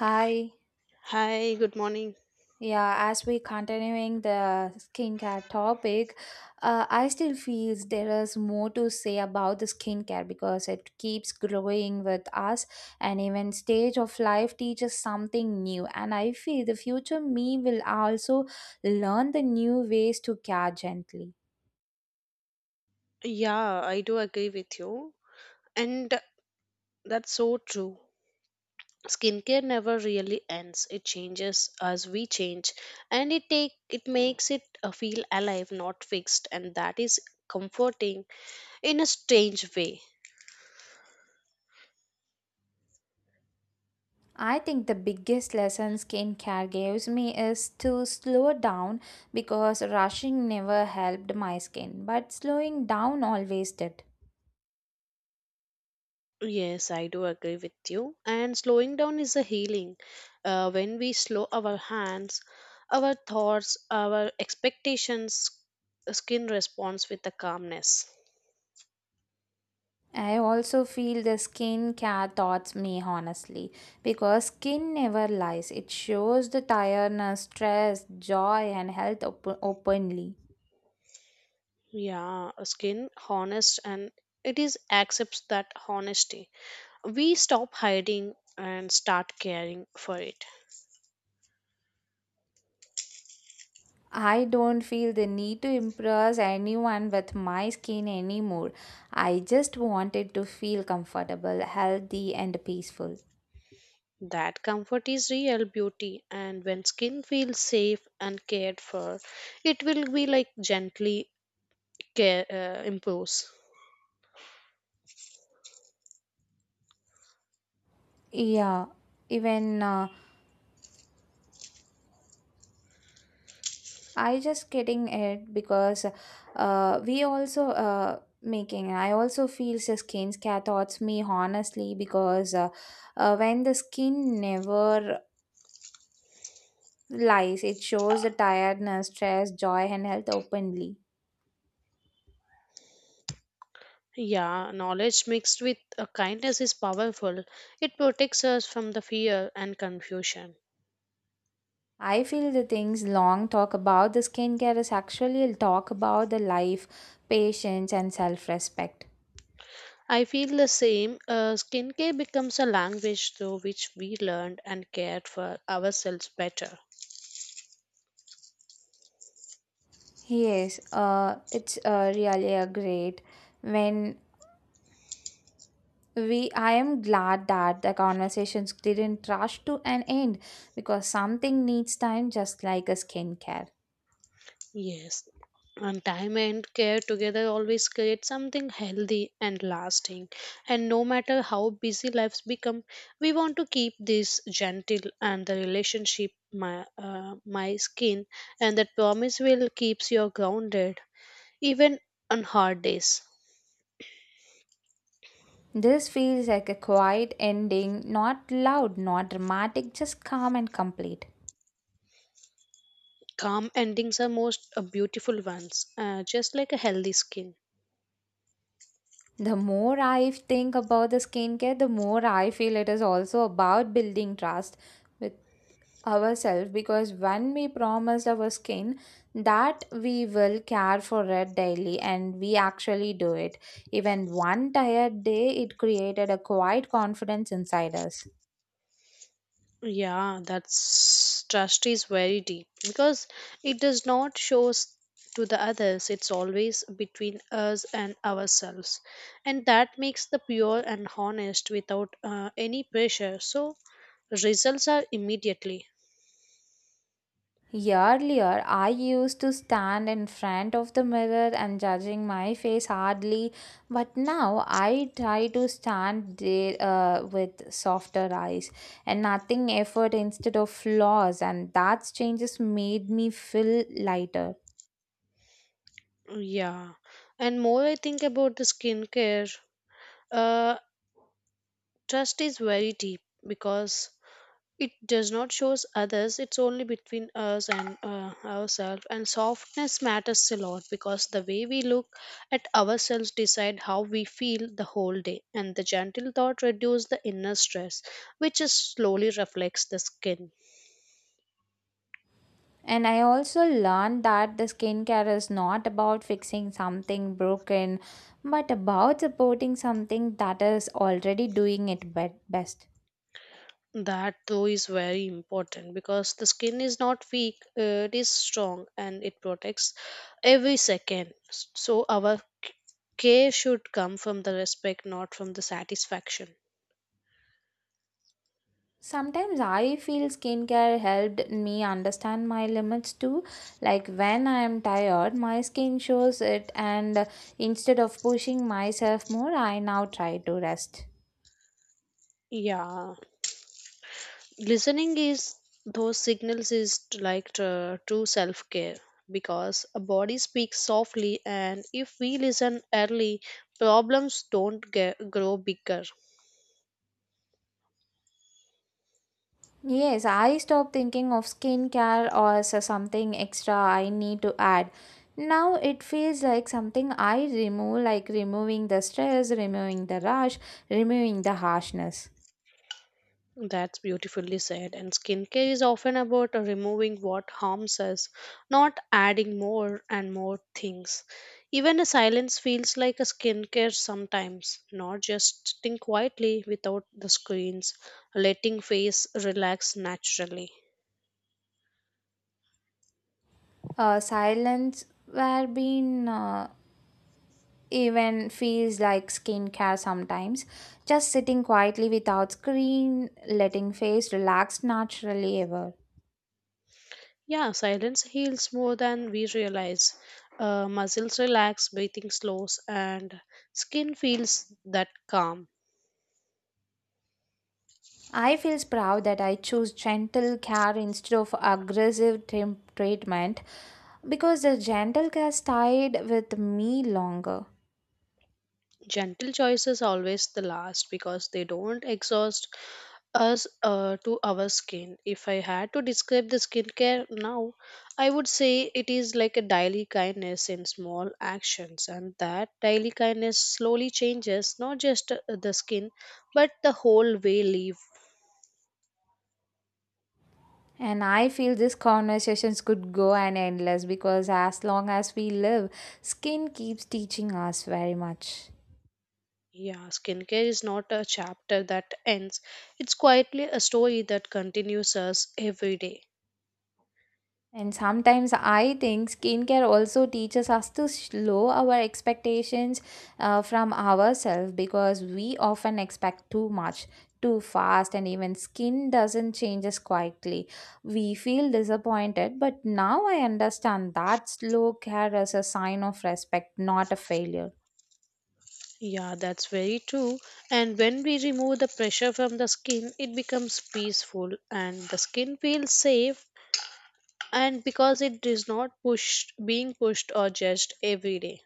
Hi. Hi, good morning. Yeah, as we continuing the skincare topic, I still feels there is more to say about the skincare because it keeps growing with us, and even stage of life teaches something new. And I feel the future me will also learn the new ways to care gently. Yeah, I do agree with you. And that's so true. Skincare never really ends. It changes as we change, and it makes it feel alive, not fixed, and that is comforting in a strange way. I think the biggest lesson skincare gives me is to slow down because rushing never helped my skin, but slowing down always did. Yes, I do agree with you. And slowing down is a healing. When we slow our hands, our thoughts, our expectations, skin responds with a calmness. I also feel the skincare thoughts me honestly because skin never lies. It shows the tiredness, stress, joy, and health openly. Yeah, skin honest and it is accepts that honesty. We stop hiding and start caring for it. I don't feel the need to impress anyone with my skin anymore. I just wanted to feel comfortable, healthy, and peaceful. That comfort is real beauty, and when skin feels safe and cared for, it will be like gently care improves. Yeah, even I just getting it because we also making. I also feel the skin thoughts me honestly because when the skin never lies, it shows the tiredness, stress, joy, and health openly. Yeah, knowledge mixed with kindness is powerful. It protects us from the fear and confusion. I feel the things long talk about the skincare is actually a talk about the life, patience, and self respect. I feel the same. Skincare becomes a language through which we learned and cared for ourselves better. Yes, it's really a great when we I am glad that the conversations didn't rush to an end because something needs time just like a skincare. Yes. And time and care together always create something healthy and lasting. And no matter how busy lives become, we want to keep this gentle and the relationship my my skin, and that promise will keeps you grounded even on hard days. This feels like a quiet ending, not loud, not dramatic, just calm and complete. Calm endings are most beautiful ones, just like a healthy skin. The more I think about the skincare, the more I feel it is also about building trust with ourselves, because when we promise our skin that we will care for it daily and we actually do it, even one tired day, it created a quiet confidence inside us. Yeah, that's trust is very deep because it does not show to the others. It's always between us and ourselves, and that makes the pure and honest without any pressure. So results are immediately. Earlier, I used to stand in front of the mirror and judging my face hardly, but now I try to stand there with softer eyes and nothing effort instead of flaws, and that changes made me feel lighter. Yeah, and more I think about the skincare, uh, trust is very deep because it does not shows others, it's only between us and ourselves. And softness matters a lot because the way we look at ourselves decide how we feel the whole day. And the gentle thought reduce the inner stress, which is slowly reflects the skin. And I also learned that the skincare is not about fixing something broken, but about supporting something that is already doing best. That though is very important because the skin is not weak, it is strong and it protects every second. So our care should come from the respect, not from the satisfaction. Sometimes I feel skincare helped me understand my limits too. Like when I am tired, my skin shows it, and instead of pushing myself more, I now try to rest. Yeah, listening is those signals is like true self care because a body speaks softly, and if we listen early, problems don't grow bigger. Yes, I stopped thinking of skincare as a something extra I need to add. Now it feels like something I remove, like removing the stress, removing the rush, removing the harshness. That's beautifully said, and skincare is often about removing what harms us, not adding more and more things. Even a silence feels like a skincare sometimes, not just sitting quietly without the screens, letting face relax naturally. Silence where being even feels like skincare sometimes. Just sitting quietly without screen, letting face relax naturally ever. Yeah, silence heals more than we realize. Muscles relax, breathing slows, and skin feels that calm. I feel proud that I choose gentle care instead of aggressive treatment, because the gentle cat stayed with me longer. Gentle choices always the last because they don't exhaust us to our skin. If I had to describe the skincare now, I would say it is like a daily kindness in small actions, and that daily kindness slowly changes not just the skin but the whole way live. And I feel these conversations could go on endless because as long as we live, skin keeps teaching us very much. Yeah, skincare is not a chapter that ends. It's quietly a story that continues us every day. And sometimes I think skincare also teaches us to slow our expectations from ourselves, because we often expect too much, too fast, and even skin doesn't change as quietly. We feel disappointed, but now I understand that slow care is a sign of respect, not a failure. Yeah, that's very true. And when we remove the pressure from the skin, it becomes peaceful and the skin feels safe, and because it is not pushed being pushed or judged every day.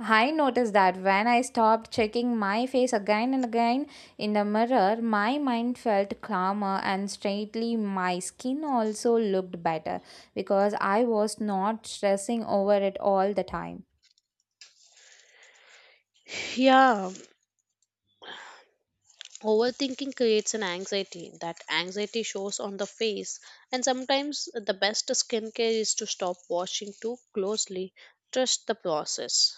I noticed that when I stopped checking my face again and again in the mirror, my mind felt calmer and straightly my skin also looked better because I was not stressing over it all the time. Yeah, overthinking creates an anxiety. That anxiety shows on the face, and sometimes the best skincare is to stop watching too closely, trust the process.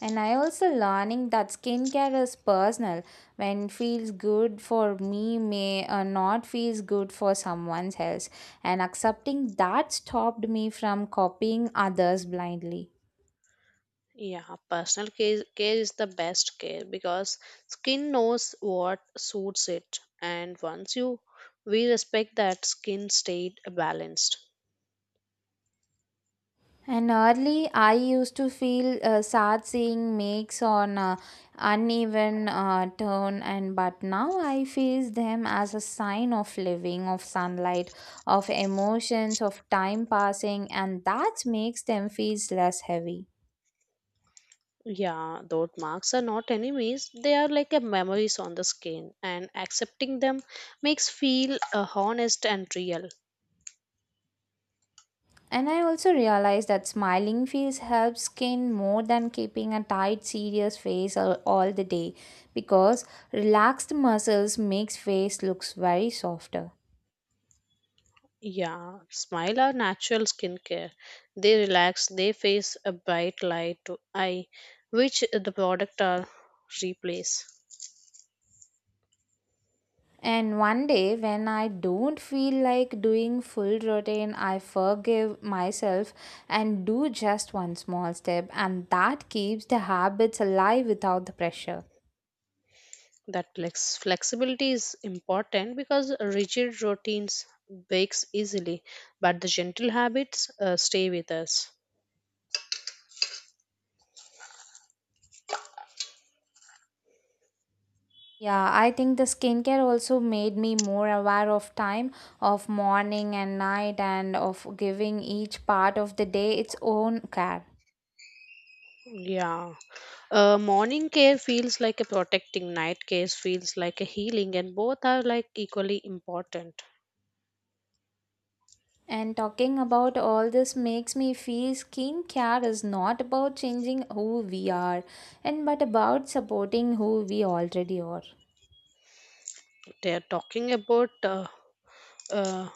And I also learning that skincare is personal. When feels good for me may not feels good for someone else. And accepting that stopped me from copying others blindly. Yeah, care is the best care because skin knows what suits it, and once you we respect that, skin stayed balanced. And early, I used to feel sad seeing makes on uneven turn, and but now I face them as a sign of living, of sunlight, of emotions, of time passing, and that makes them feel less heavy. Yeah, those marks are not enemies. They are like a memories on the skin, and accepting them makes feel honest and real. And I also realized that smiling feels helps skin more than keeping a tight, serious face all the day, because relaxed muscles makes face looks very softer. Yeah, smile are natural skincare. They relax, they face a bright light to eye, which the product are replace. And one day, when I don't feel like doing full routine, I forgive myself and do just one small step, and that keeps the habits alive without the pressure. That flexibility is important because rigid routines breaks easily, but the gentle habits stay with us. Yeah, I think the skincare also made me more aware of time, of morning and night, and of giving each part of the day its own care. Yeah. Morning care feels like a protecting, night care feels like a healing, and both are like equally important. And talking about all this makes me feel skincare is not about changing who we are and but about supporting who we already are. They are talking about uh,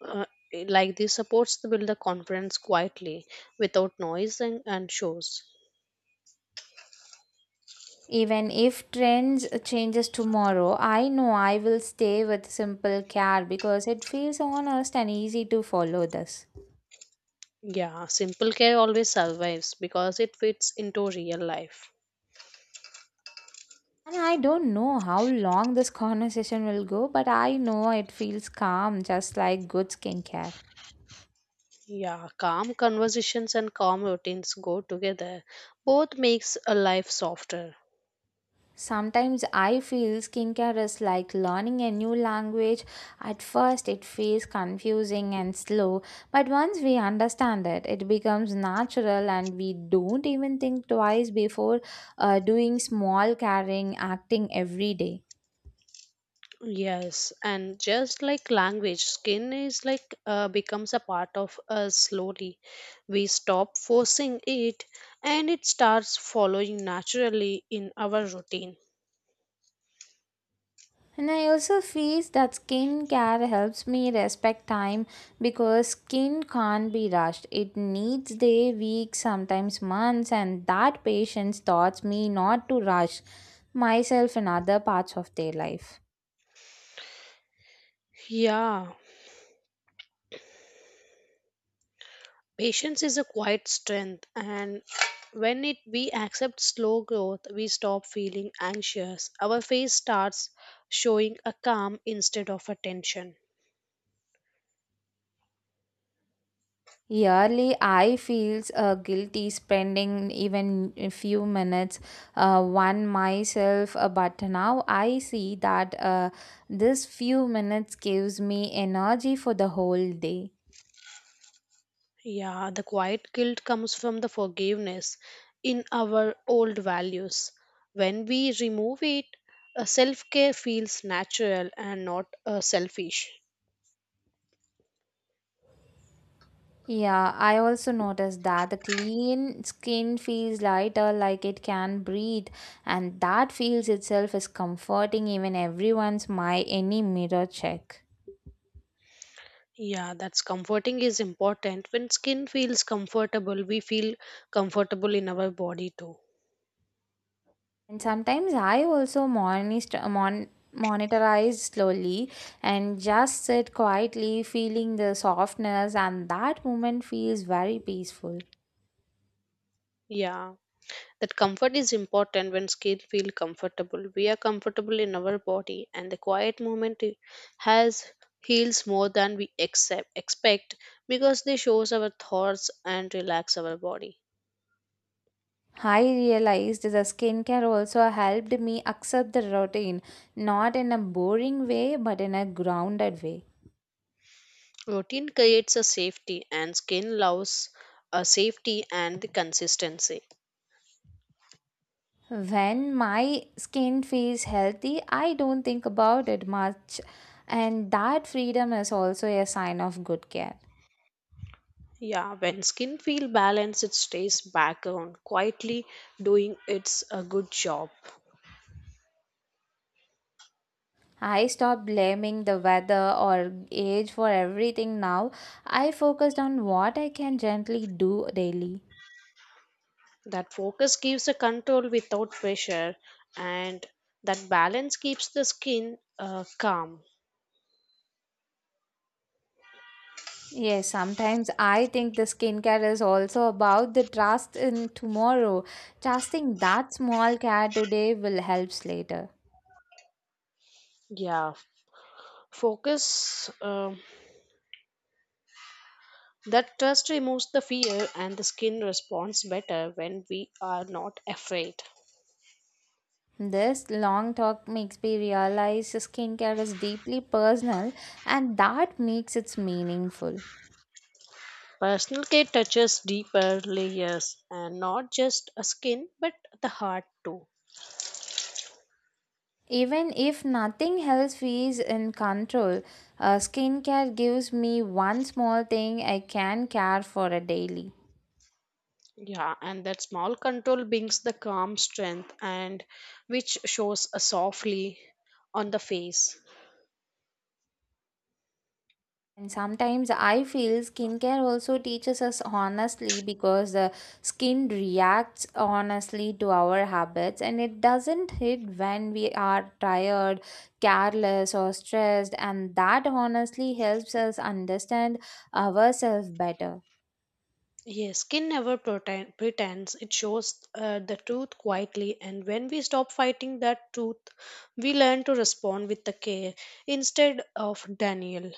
uh, like this supports to build the confidence quietly without noise and shows. Even if trends changes tomorrow, I know I will stay with simple care because it feels honest and easy to follow this. Yeah, simple care always survives because it fits into real life. And I don't know how long this conversation will go, but I know it feels calm just like good skincare. Yeah, calm conversations and calm routines go together, both makes a life softer. Sometimes I feel skincare is like learning a new language. At first, it feels confusing and slow, but once we understand it, it becomes natural and we don't even think twice before doing small caring acting every day. Yes, and just like language skin is like becomes a part of us slowly, we stop forcing it, and it starts following naturally in our routine. And I also feel that skin care helps me respect time because skin can't be rushed. It needs day, weeks, sometimes months, and that patience taught me not to rush myself in other parts of their life. Yeah, patience is a quiet strength, and when it we accept slow growth, we stop feeling anxious. Our face starts showing a calm instead of a tension. Yearly, I feels guilty spending even a few minutes one myself, but now I see that this few minutes gives me energy for the whole day. Yeah, the quiet guilt comes from the forgiveness in our old values. When we remove it, self care feels natural and not selfish. Yeah, I also noticed that the clean skin feels lighter, like it can breathe, and that feels itself is comforting even everyone's my any mirror check. Yeah, that's comforting is important. When skin feels comfortable, we feel comfortable in our body too. And sometimes I also monitorize slowly and just sit quietly, feeling the softness, and that moment feels very peaceful. Yeah. That comfort is important when skin feel comfortable. We are comfortable in our body, and the quiet moment has heals more than we expect because they shows our thoughts and relax our body. I realized the skincare also helped me accept the routine, not in a boring way, but in a grounded way. Routine creates a safety and skin loves a safety and the consistency. When my skin feels healthy, I don't think about it much, and that freedom is also a sign of good care. Yeah, when skin feel balanced, it stays background quietly doing its a good job. I stopped blaming the weather or age for everything now. I focused on what I can gently do daily. That focus gives a control without pressure, and that balance keeps the skin calm. Yes, sometimes I think the skincare is also about the trust in tomorrow. Trusting that small care today will help later. Yeah, focus that trust removes the fear, and the skin responds better when we are not afraid. This long talk makes me realize skincare is deeply personal and that makes it meaningful. Personal care touches deeper layers and not just a skin but the heart too. Even if nothing else is in control, skincare gives me one small thing I can care for a daily. Yeah, and that small control brings the calm strength and which shows softly on the face. And sometimes I feel skincare also teaches us honestly because the skin reacts honestly to our habits and it doesn't hit when we are tired, careless, or stressed. And that honestly helps us understand ourselves better. Yes, skin never pretends. It shows the truth quietly, and when we stop fighting that truth, we learn to respond with the care instead of Daniel.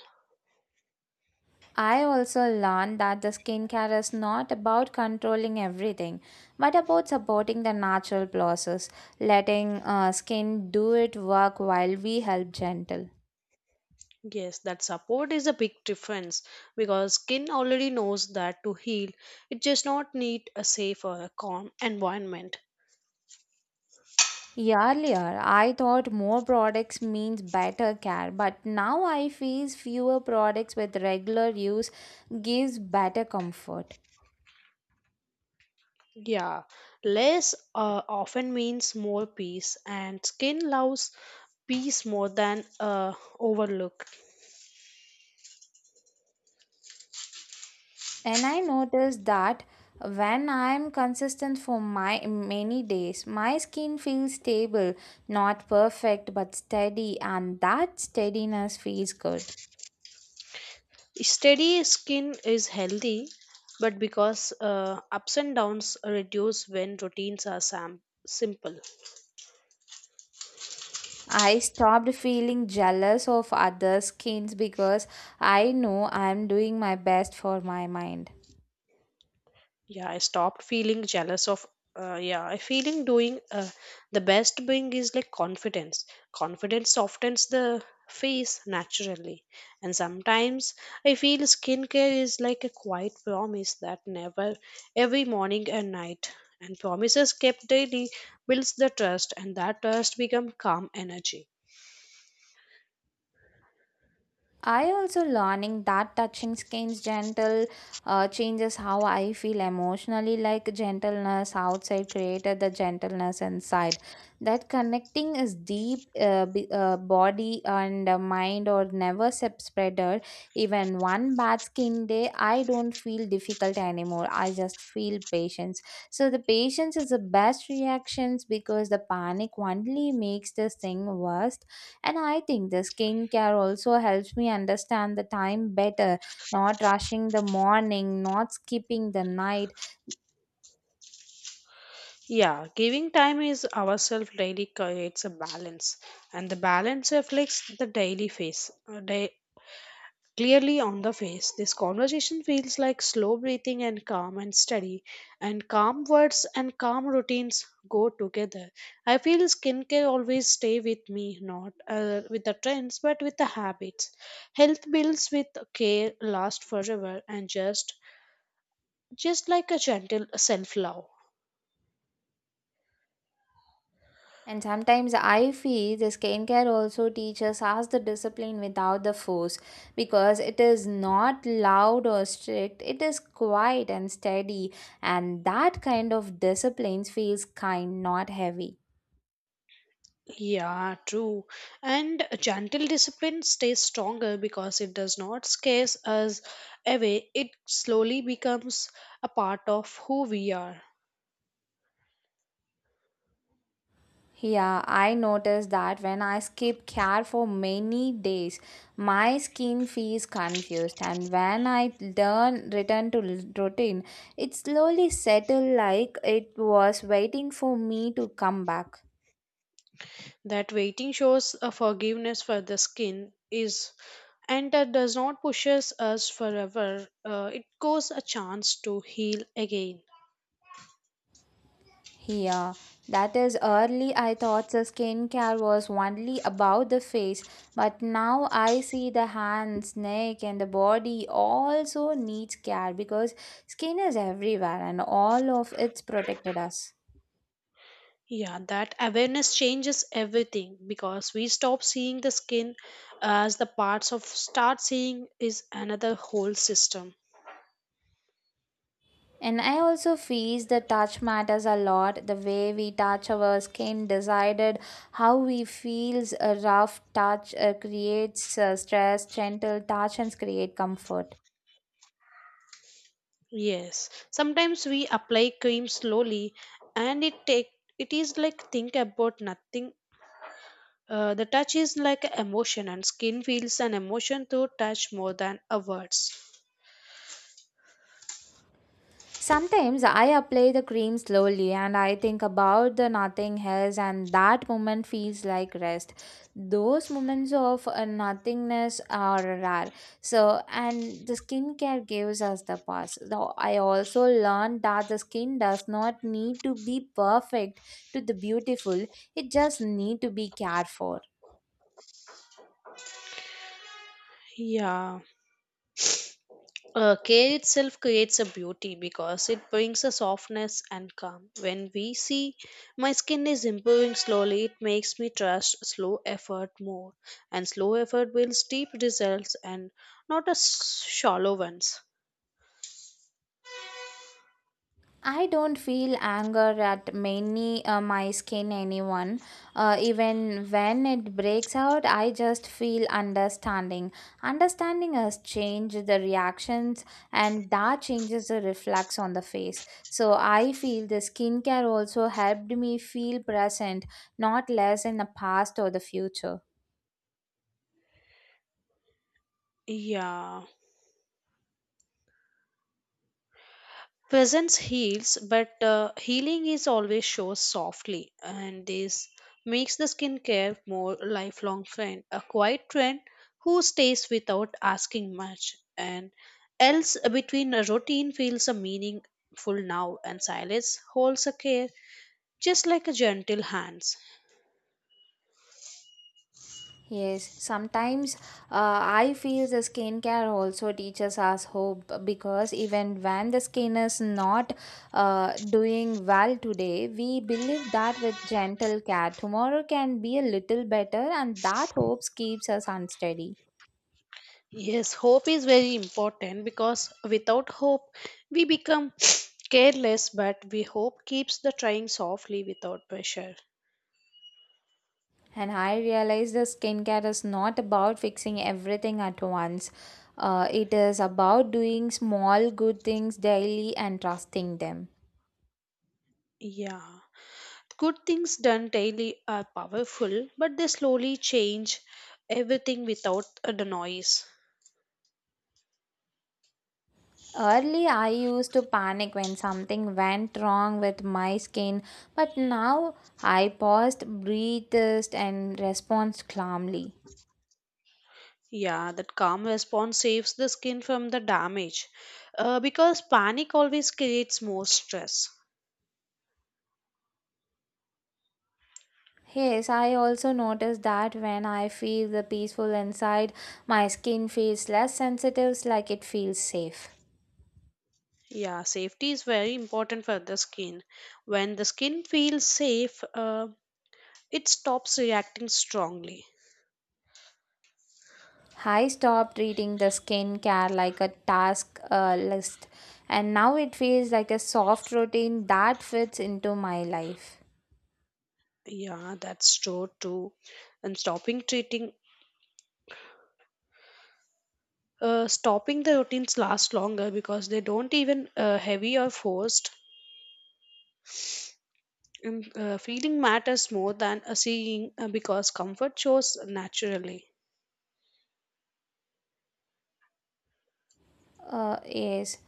I also learned that the skincare is not about controlling everything, but about supporting the natural process, letting skin do its work while we help gentle. Yes, that support is a big difference because skin already knows that to heal, it just not need a safe or a calm environment. Earlier, I thought more products means better care, but now I feel fewer products with regular use gives better comfort. Yeah, less often means more peace, and skin loves peace more than overlook. And I noticed that when I am consistent for my many days, my skin feels stable, not perfect but steady, and that steadiness feels good. Steady skin is healthy, but because ups and downs reduce when routines are simple. I stopped feeling jealous of other skins because I know I am doing my best for my mind. Yeah, I stopped feeling jealous of. Yeah, I feeling doing the best being is like confidence. Confidence softens the face naturally, and sometimes I feel skincare is like a quiet promise that never every morning and night, and promises kept daily builds the trust, and that trust become calm energy. I also learning that touching skin's gentle changes how I feel emotionally, like gentleness outside created the gentleness inside. That connecting is deep, body and mind or never spreader. Even one bad skin day, I don't feel difficult anymore. I just feel patience. So the patience is the best reactions because the panic only makes this thing worse. And I think the skincare also helps me understand the time better, not rushing the morning, not skipping the night. Yeah, giving time is ourselves daily creates a balance, and the balance reflects the daily face. Clearly on the face, this conversation feels like slow breathing and calm and steady, and calm words and calm routines go together. I feel skincare always stay with me, not with the trends, but with the habits. Health bills with care last forever, and just like a gentle self love. And sometimes I feel the skincare also teaches us the discipline without the force because it is not loud or strict, it is quiet and steady. And that kind of discipline feels kind, not heavy. Yeah, true. And gentle discipline stays stronger because it does not scare us away. It slowly becomes a part of who we are. Yeah, I noticed that when I skip care for many days, my skin feels confused, and when I learn return to routine, it slowly settled like it was waiting for me to come back. That waiting shows a forgiveness for the skin is, and that does not pushes us forever. It goes a chance to heal again. Yeah, that is early I thought the skincare was only about the face, but now I see the hands, neck, and the body also needs care because skin is everywhere and all of it's protected us. Yeah, that awareness changes everything because we stop seeing the skin as the parts of start seeing is another whole system. And I also feel the touch matters a lot. The way we touch our skin decided how we feels. A rough touch creates stress. Gentle touch and create comfort. Yes, sometimes we apply cream slowly, and it is like think about nothing. The touch is like a emotion, and skin feels an emotion through touch more than a words. Sometimes I apply the cream slowly and I think about the nothing else and that moment feels like rest. Those moments of nothingness are rare. So and the skincare gives us the pause. Though I also learned that the skin does not need to be perfect to the beautiful. It just need to be cared for. Yeah, care itself creates a beauty because it brings a softness and calm. When we see my skin is improving slowly, it makes me trust slow effort more, and slow effort builds deep results and not a shallow ones. I don't feel anger at many my skin anyone. Even when it breaks out, I just feel understanding. Understanding has changed the reactions, and that changes the reflex on the face. So I feel the skincare also helped me feel present, not less in the past or the future. Yeah. Presence heals, but healing is always shows softly, and this makes the skincare more lifelong friend, a quiet friend who stays without asking much, and else between a routine feels a meaningful now, and silence holds a care just like a gentle hands. Yes, sometimes I feel the skincare also teaches us hope because even when the skin is not doing well today, we believe that with gentle care, tomorrow can be a little better, and that hope keeps us unsteady. Yes, hope is very important because without hope we become careless, but we hope keeps the trying softly without pressure. And I realize the skincare is not about fixing everything at once. It is about doing small good things daily and trusting them. Yeah. Good things done daily are powerful, but they slowly change everything without the noise. Early, I used to panic when something went wrong with my skin, but now I paused, breathed, and responded calmly. Yeah, that calm response saves the skin from the damage because panic always creates more stress. Yes, I also noticed that when I feel the peaceful inside, my skin feels less sensitive, like it feels safe. Yeah, safety is very important for the skin. When the skin feels safe, it stops reacting strongly. I stopped treating the skincare like a task list, and now it feels like a soft routine that fits into my life. Yeah, that's true too. And stopping the routines last longer because they don't even heavy or forced, and feeling matters more than seeing because comfort shows naturally. Yes.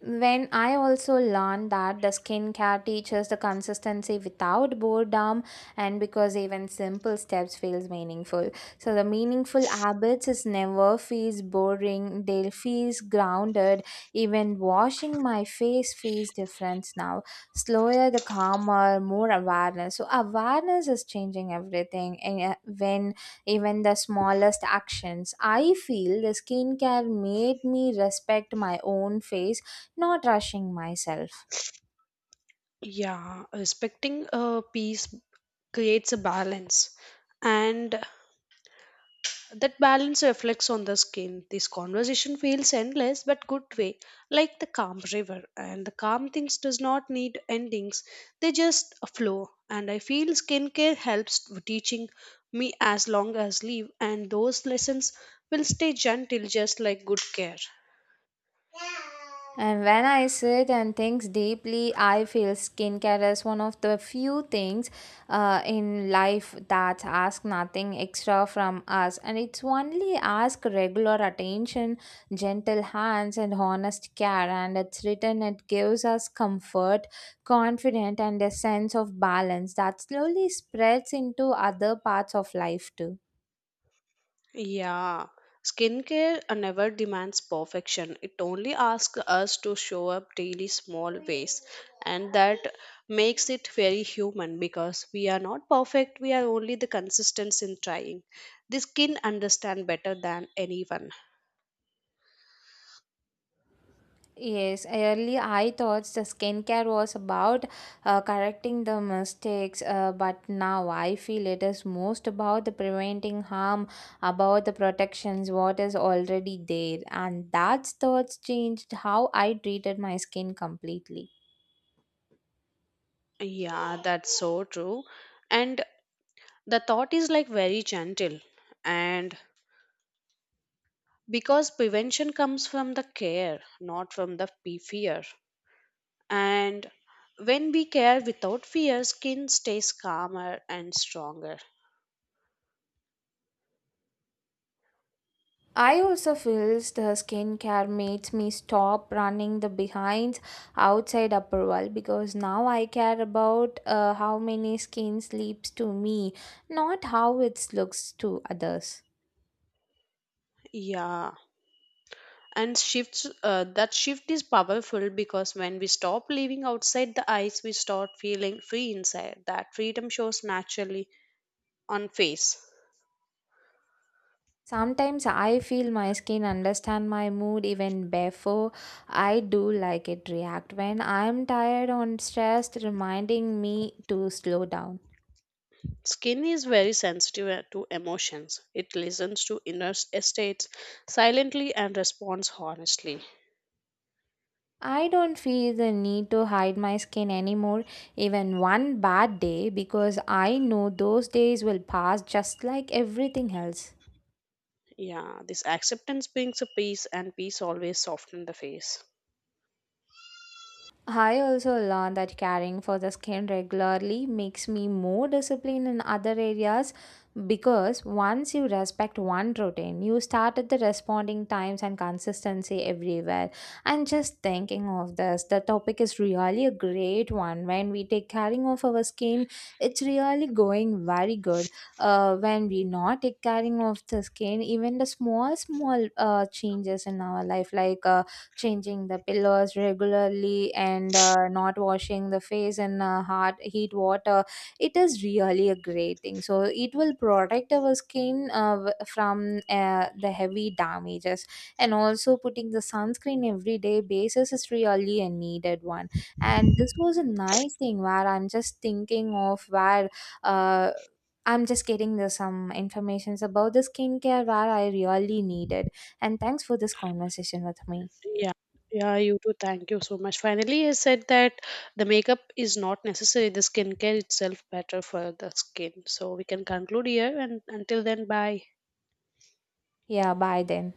When I also learned that the skincare teaches the consistency without boredom and because even simple steps feels meaningful. So the meaningful habits is never feels boring, they feels grounded. Even washing my face feels different now. Slower the calmer, more awareness. So awareness is changing everything and when even the smallest actions. I feel the skincare made me respect my own face not rushing myself. Yeah, respecting peace creates a balance, and that balance reflects on the skin. This conversation feels endless but good way, like the calm river. And the calm things does not need endings; they just flow. And I feel skincare helps to teaching me as long as live, and those lessons will stay gentle, just like good care. And when I sit and think deeply, I feel skincare is one of the few things in life that ask nothing extra from us, and it's only ask regular attention, gentle hands, and honest care. And it's written it gives us comfort, confidence, and a sense of balance that slowly spreads into other parts of life too. Yeah, skincare never demands perfection. It only asks us to show up daily small ways, and that makes it very human because we are not perfect. We are only the consistence in trying. The skin understand better than anyone. Yes, earlier I thought the skincare was about correcting the mistakes, but now I feel it is most about the preventing harm, about the protections what is already there, and that's thoughts changed how I treated my skin completely. Yeah, that's so true. And the thought is like very gentle. And because prevention comes from the care, not from the fear. And when we care without fear, skin stays calmer and stronger. I also feels the skincare makes me stop running the behind outside approval because now I care about how many skin sleeps to me, not how it looks to others. Yeah. That shift is powerful because when we stop living outside the eyes, we start feeling free inside. That freedom shows naturally on face. Sometimes I feel my skin understand my mood even before I do like it react. When I'm tired or stressed, reminding me to slow down. Skin is very sensitive to emotions. It listens to inner states silently and responds honestly. I don't feel the need to hide my skin anymore, even one bad day, because I know those days will pass just like everything else. Yeah, this acceptance brings a peace, and peace always softens the face. I also learned that caring for the skin regularly makes me more disciplined in other areas because once you respect one routine, you start at the responding times and consistency everywhere. And just thinking of this, the topic is really a great one. When we take caring of our skin, it's really going very good. When we not take caring of the skin, even the small, small changes in our life, like changing the pillows regularly and not washing the face in hot heat water, it is really a great thing so it will protect our skin from the heavy damages, and also putting the sunscreen everyday basis is really a needed one, and this was a nice thing where I'm just thinking of where uh, I'm just getting the some informations about the skincare where I really needed, and thanks for this conversation with me. Yeah, yeah, you too. Thank you so much. Finally, I said that the makeup is not necessary. The skincare itself better for the skin. So we can conclude here and until then, bye. Yeah, bye then.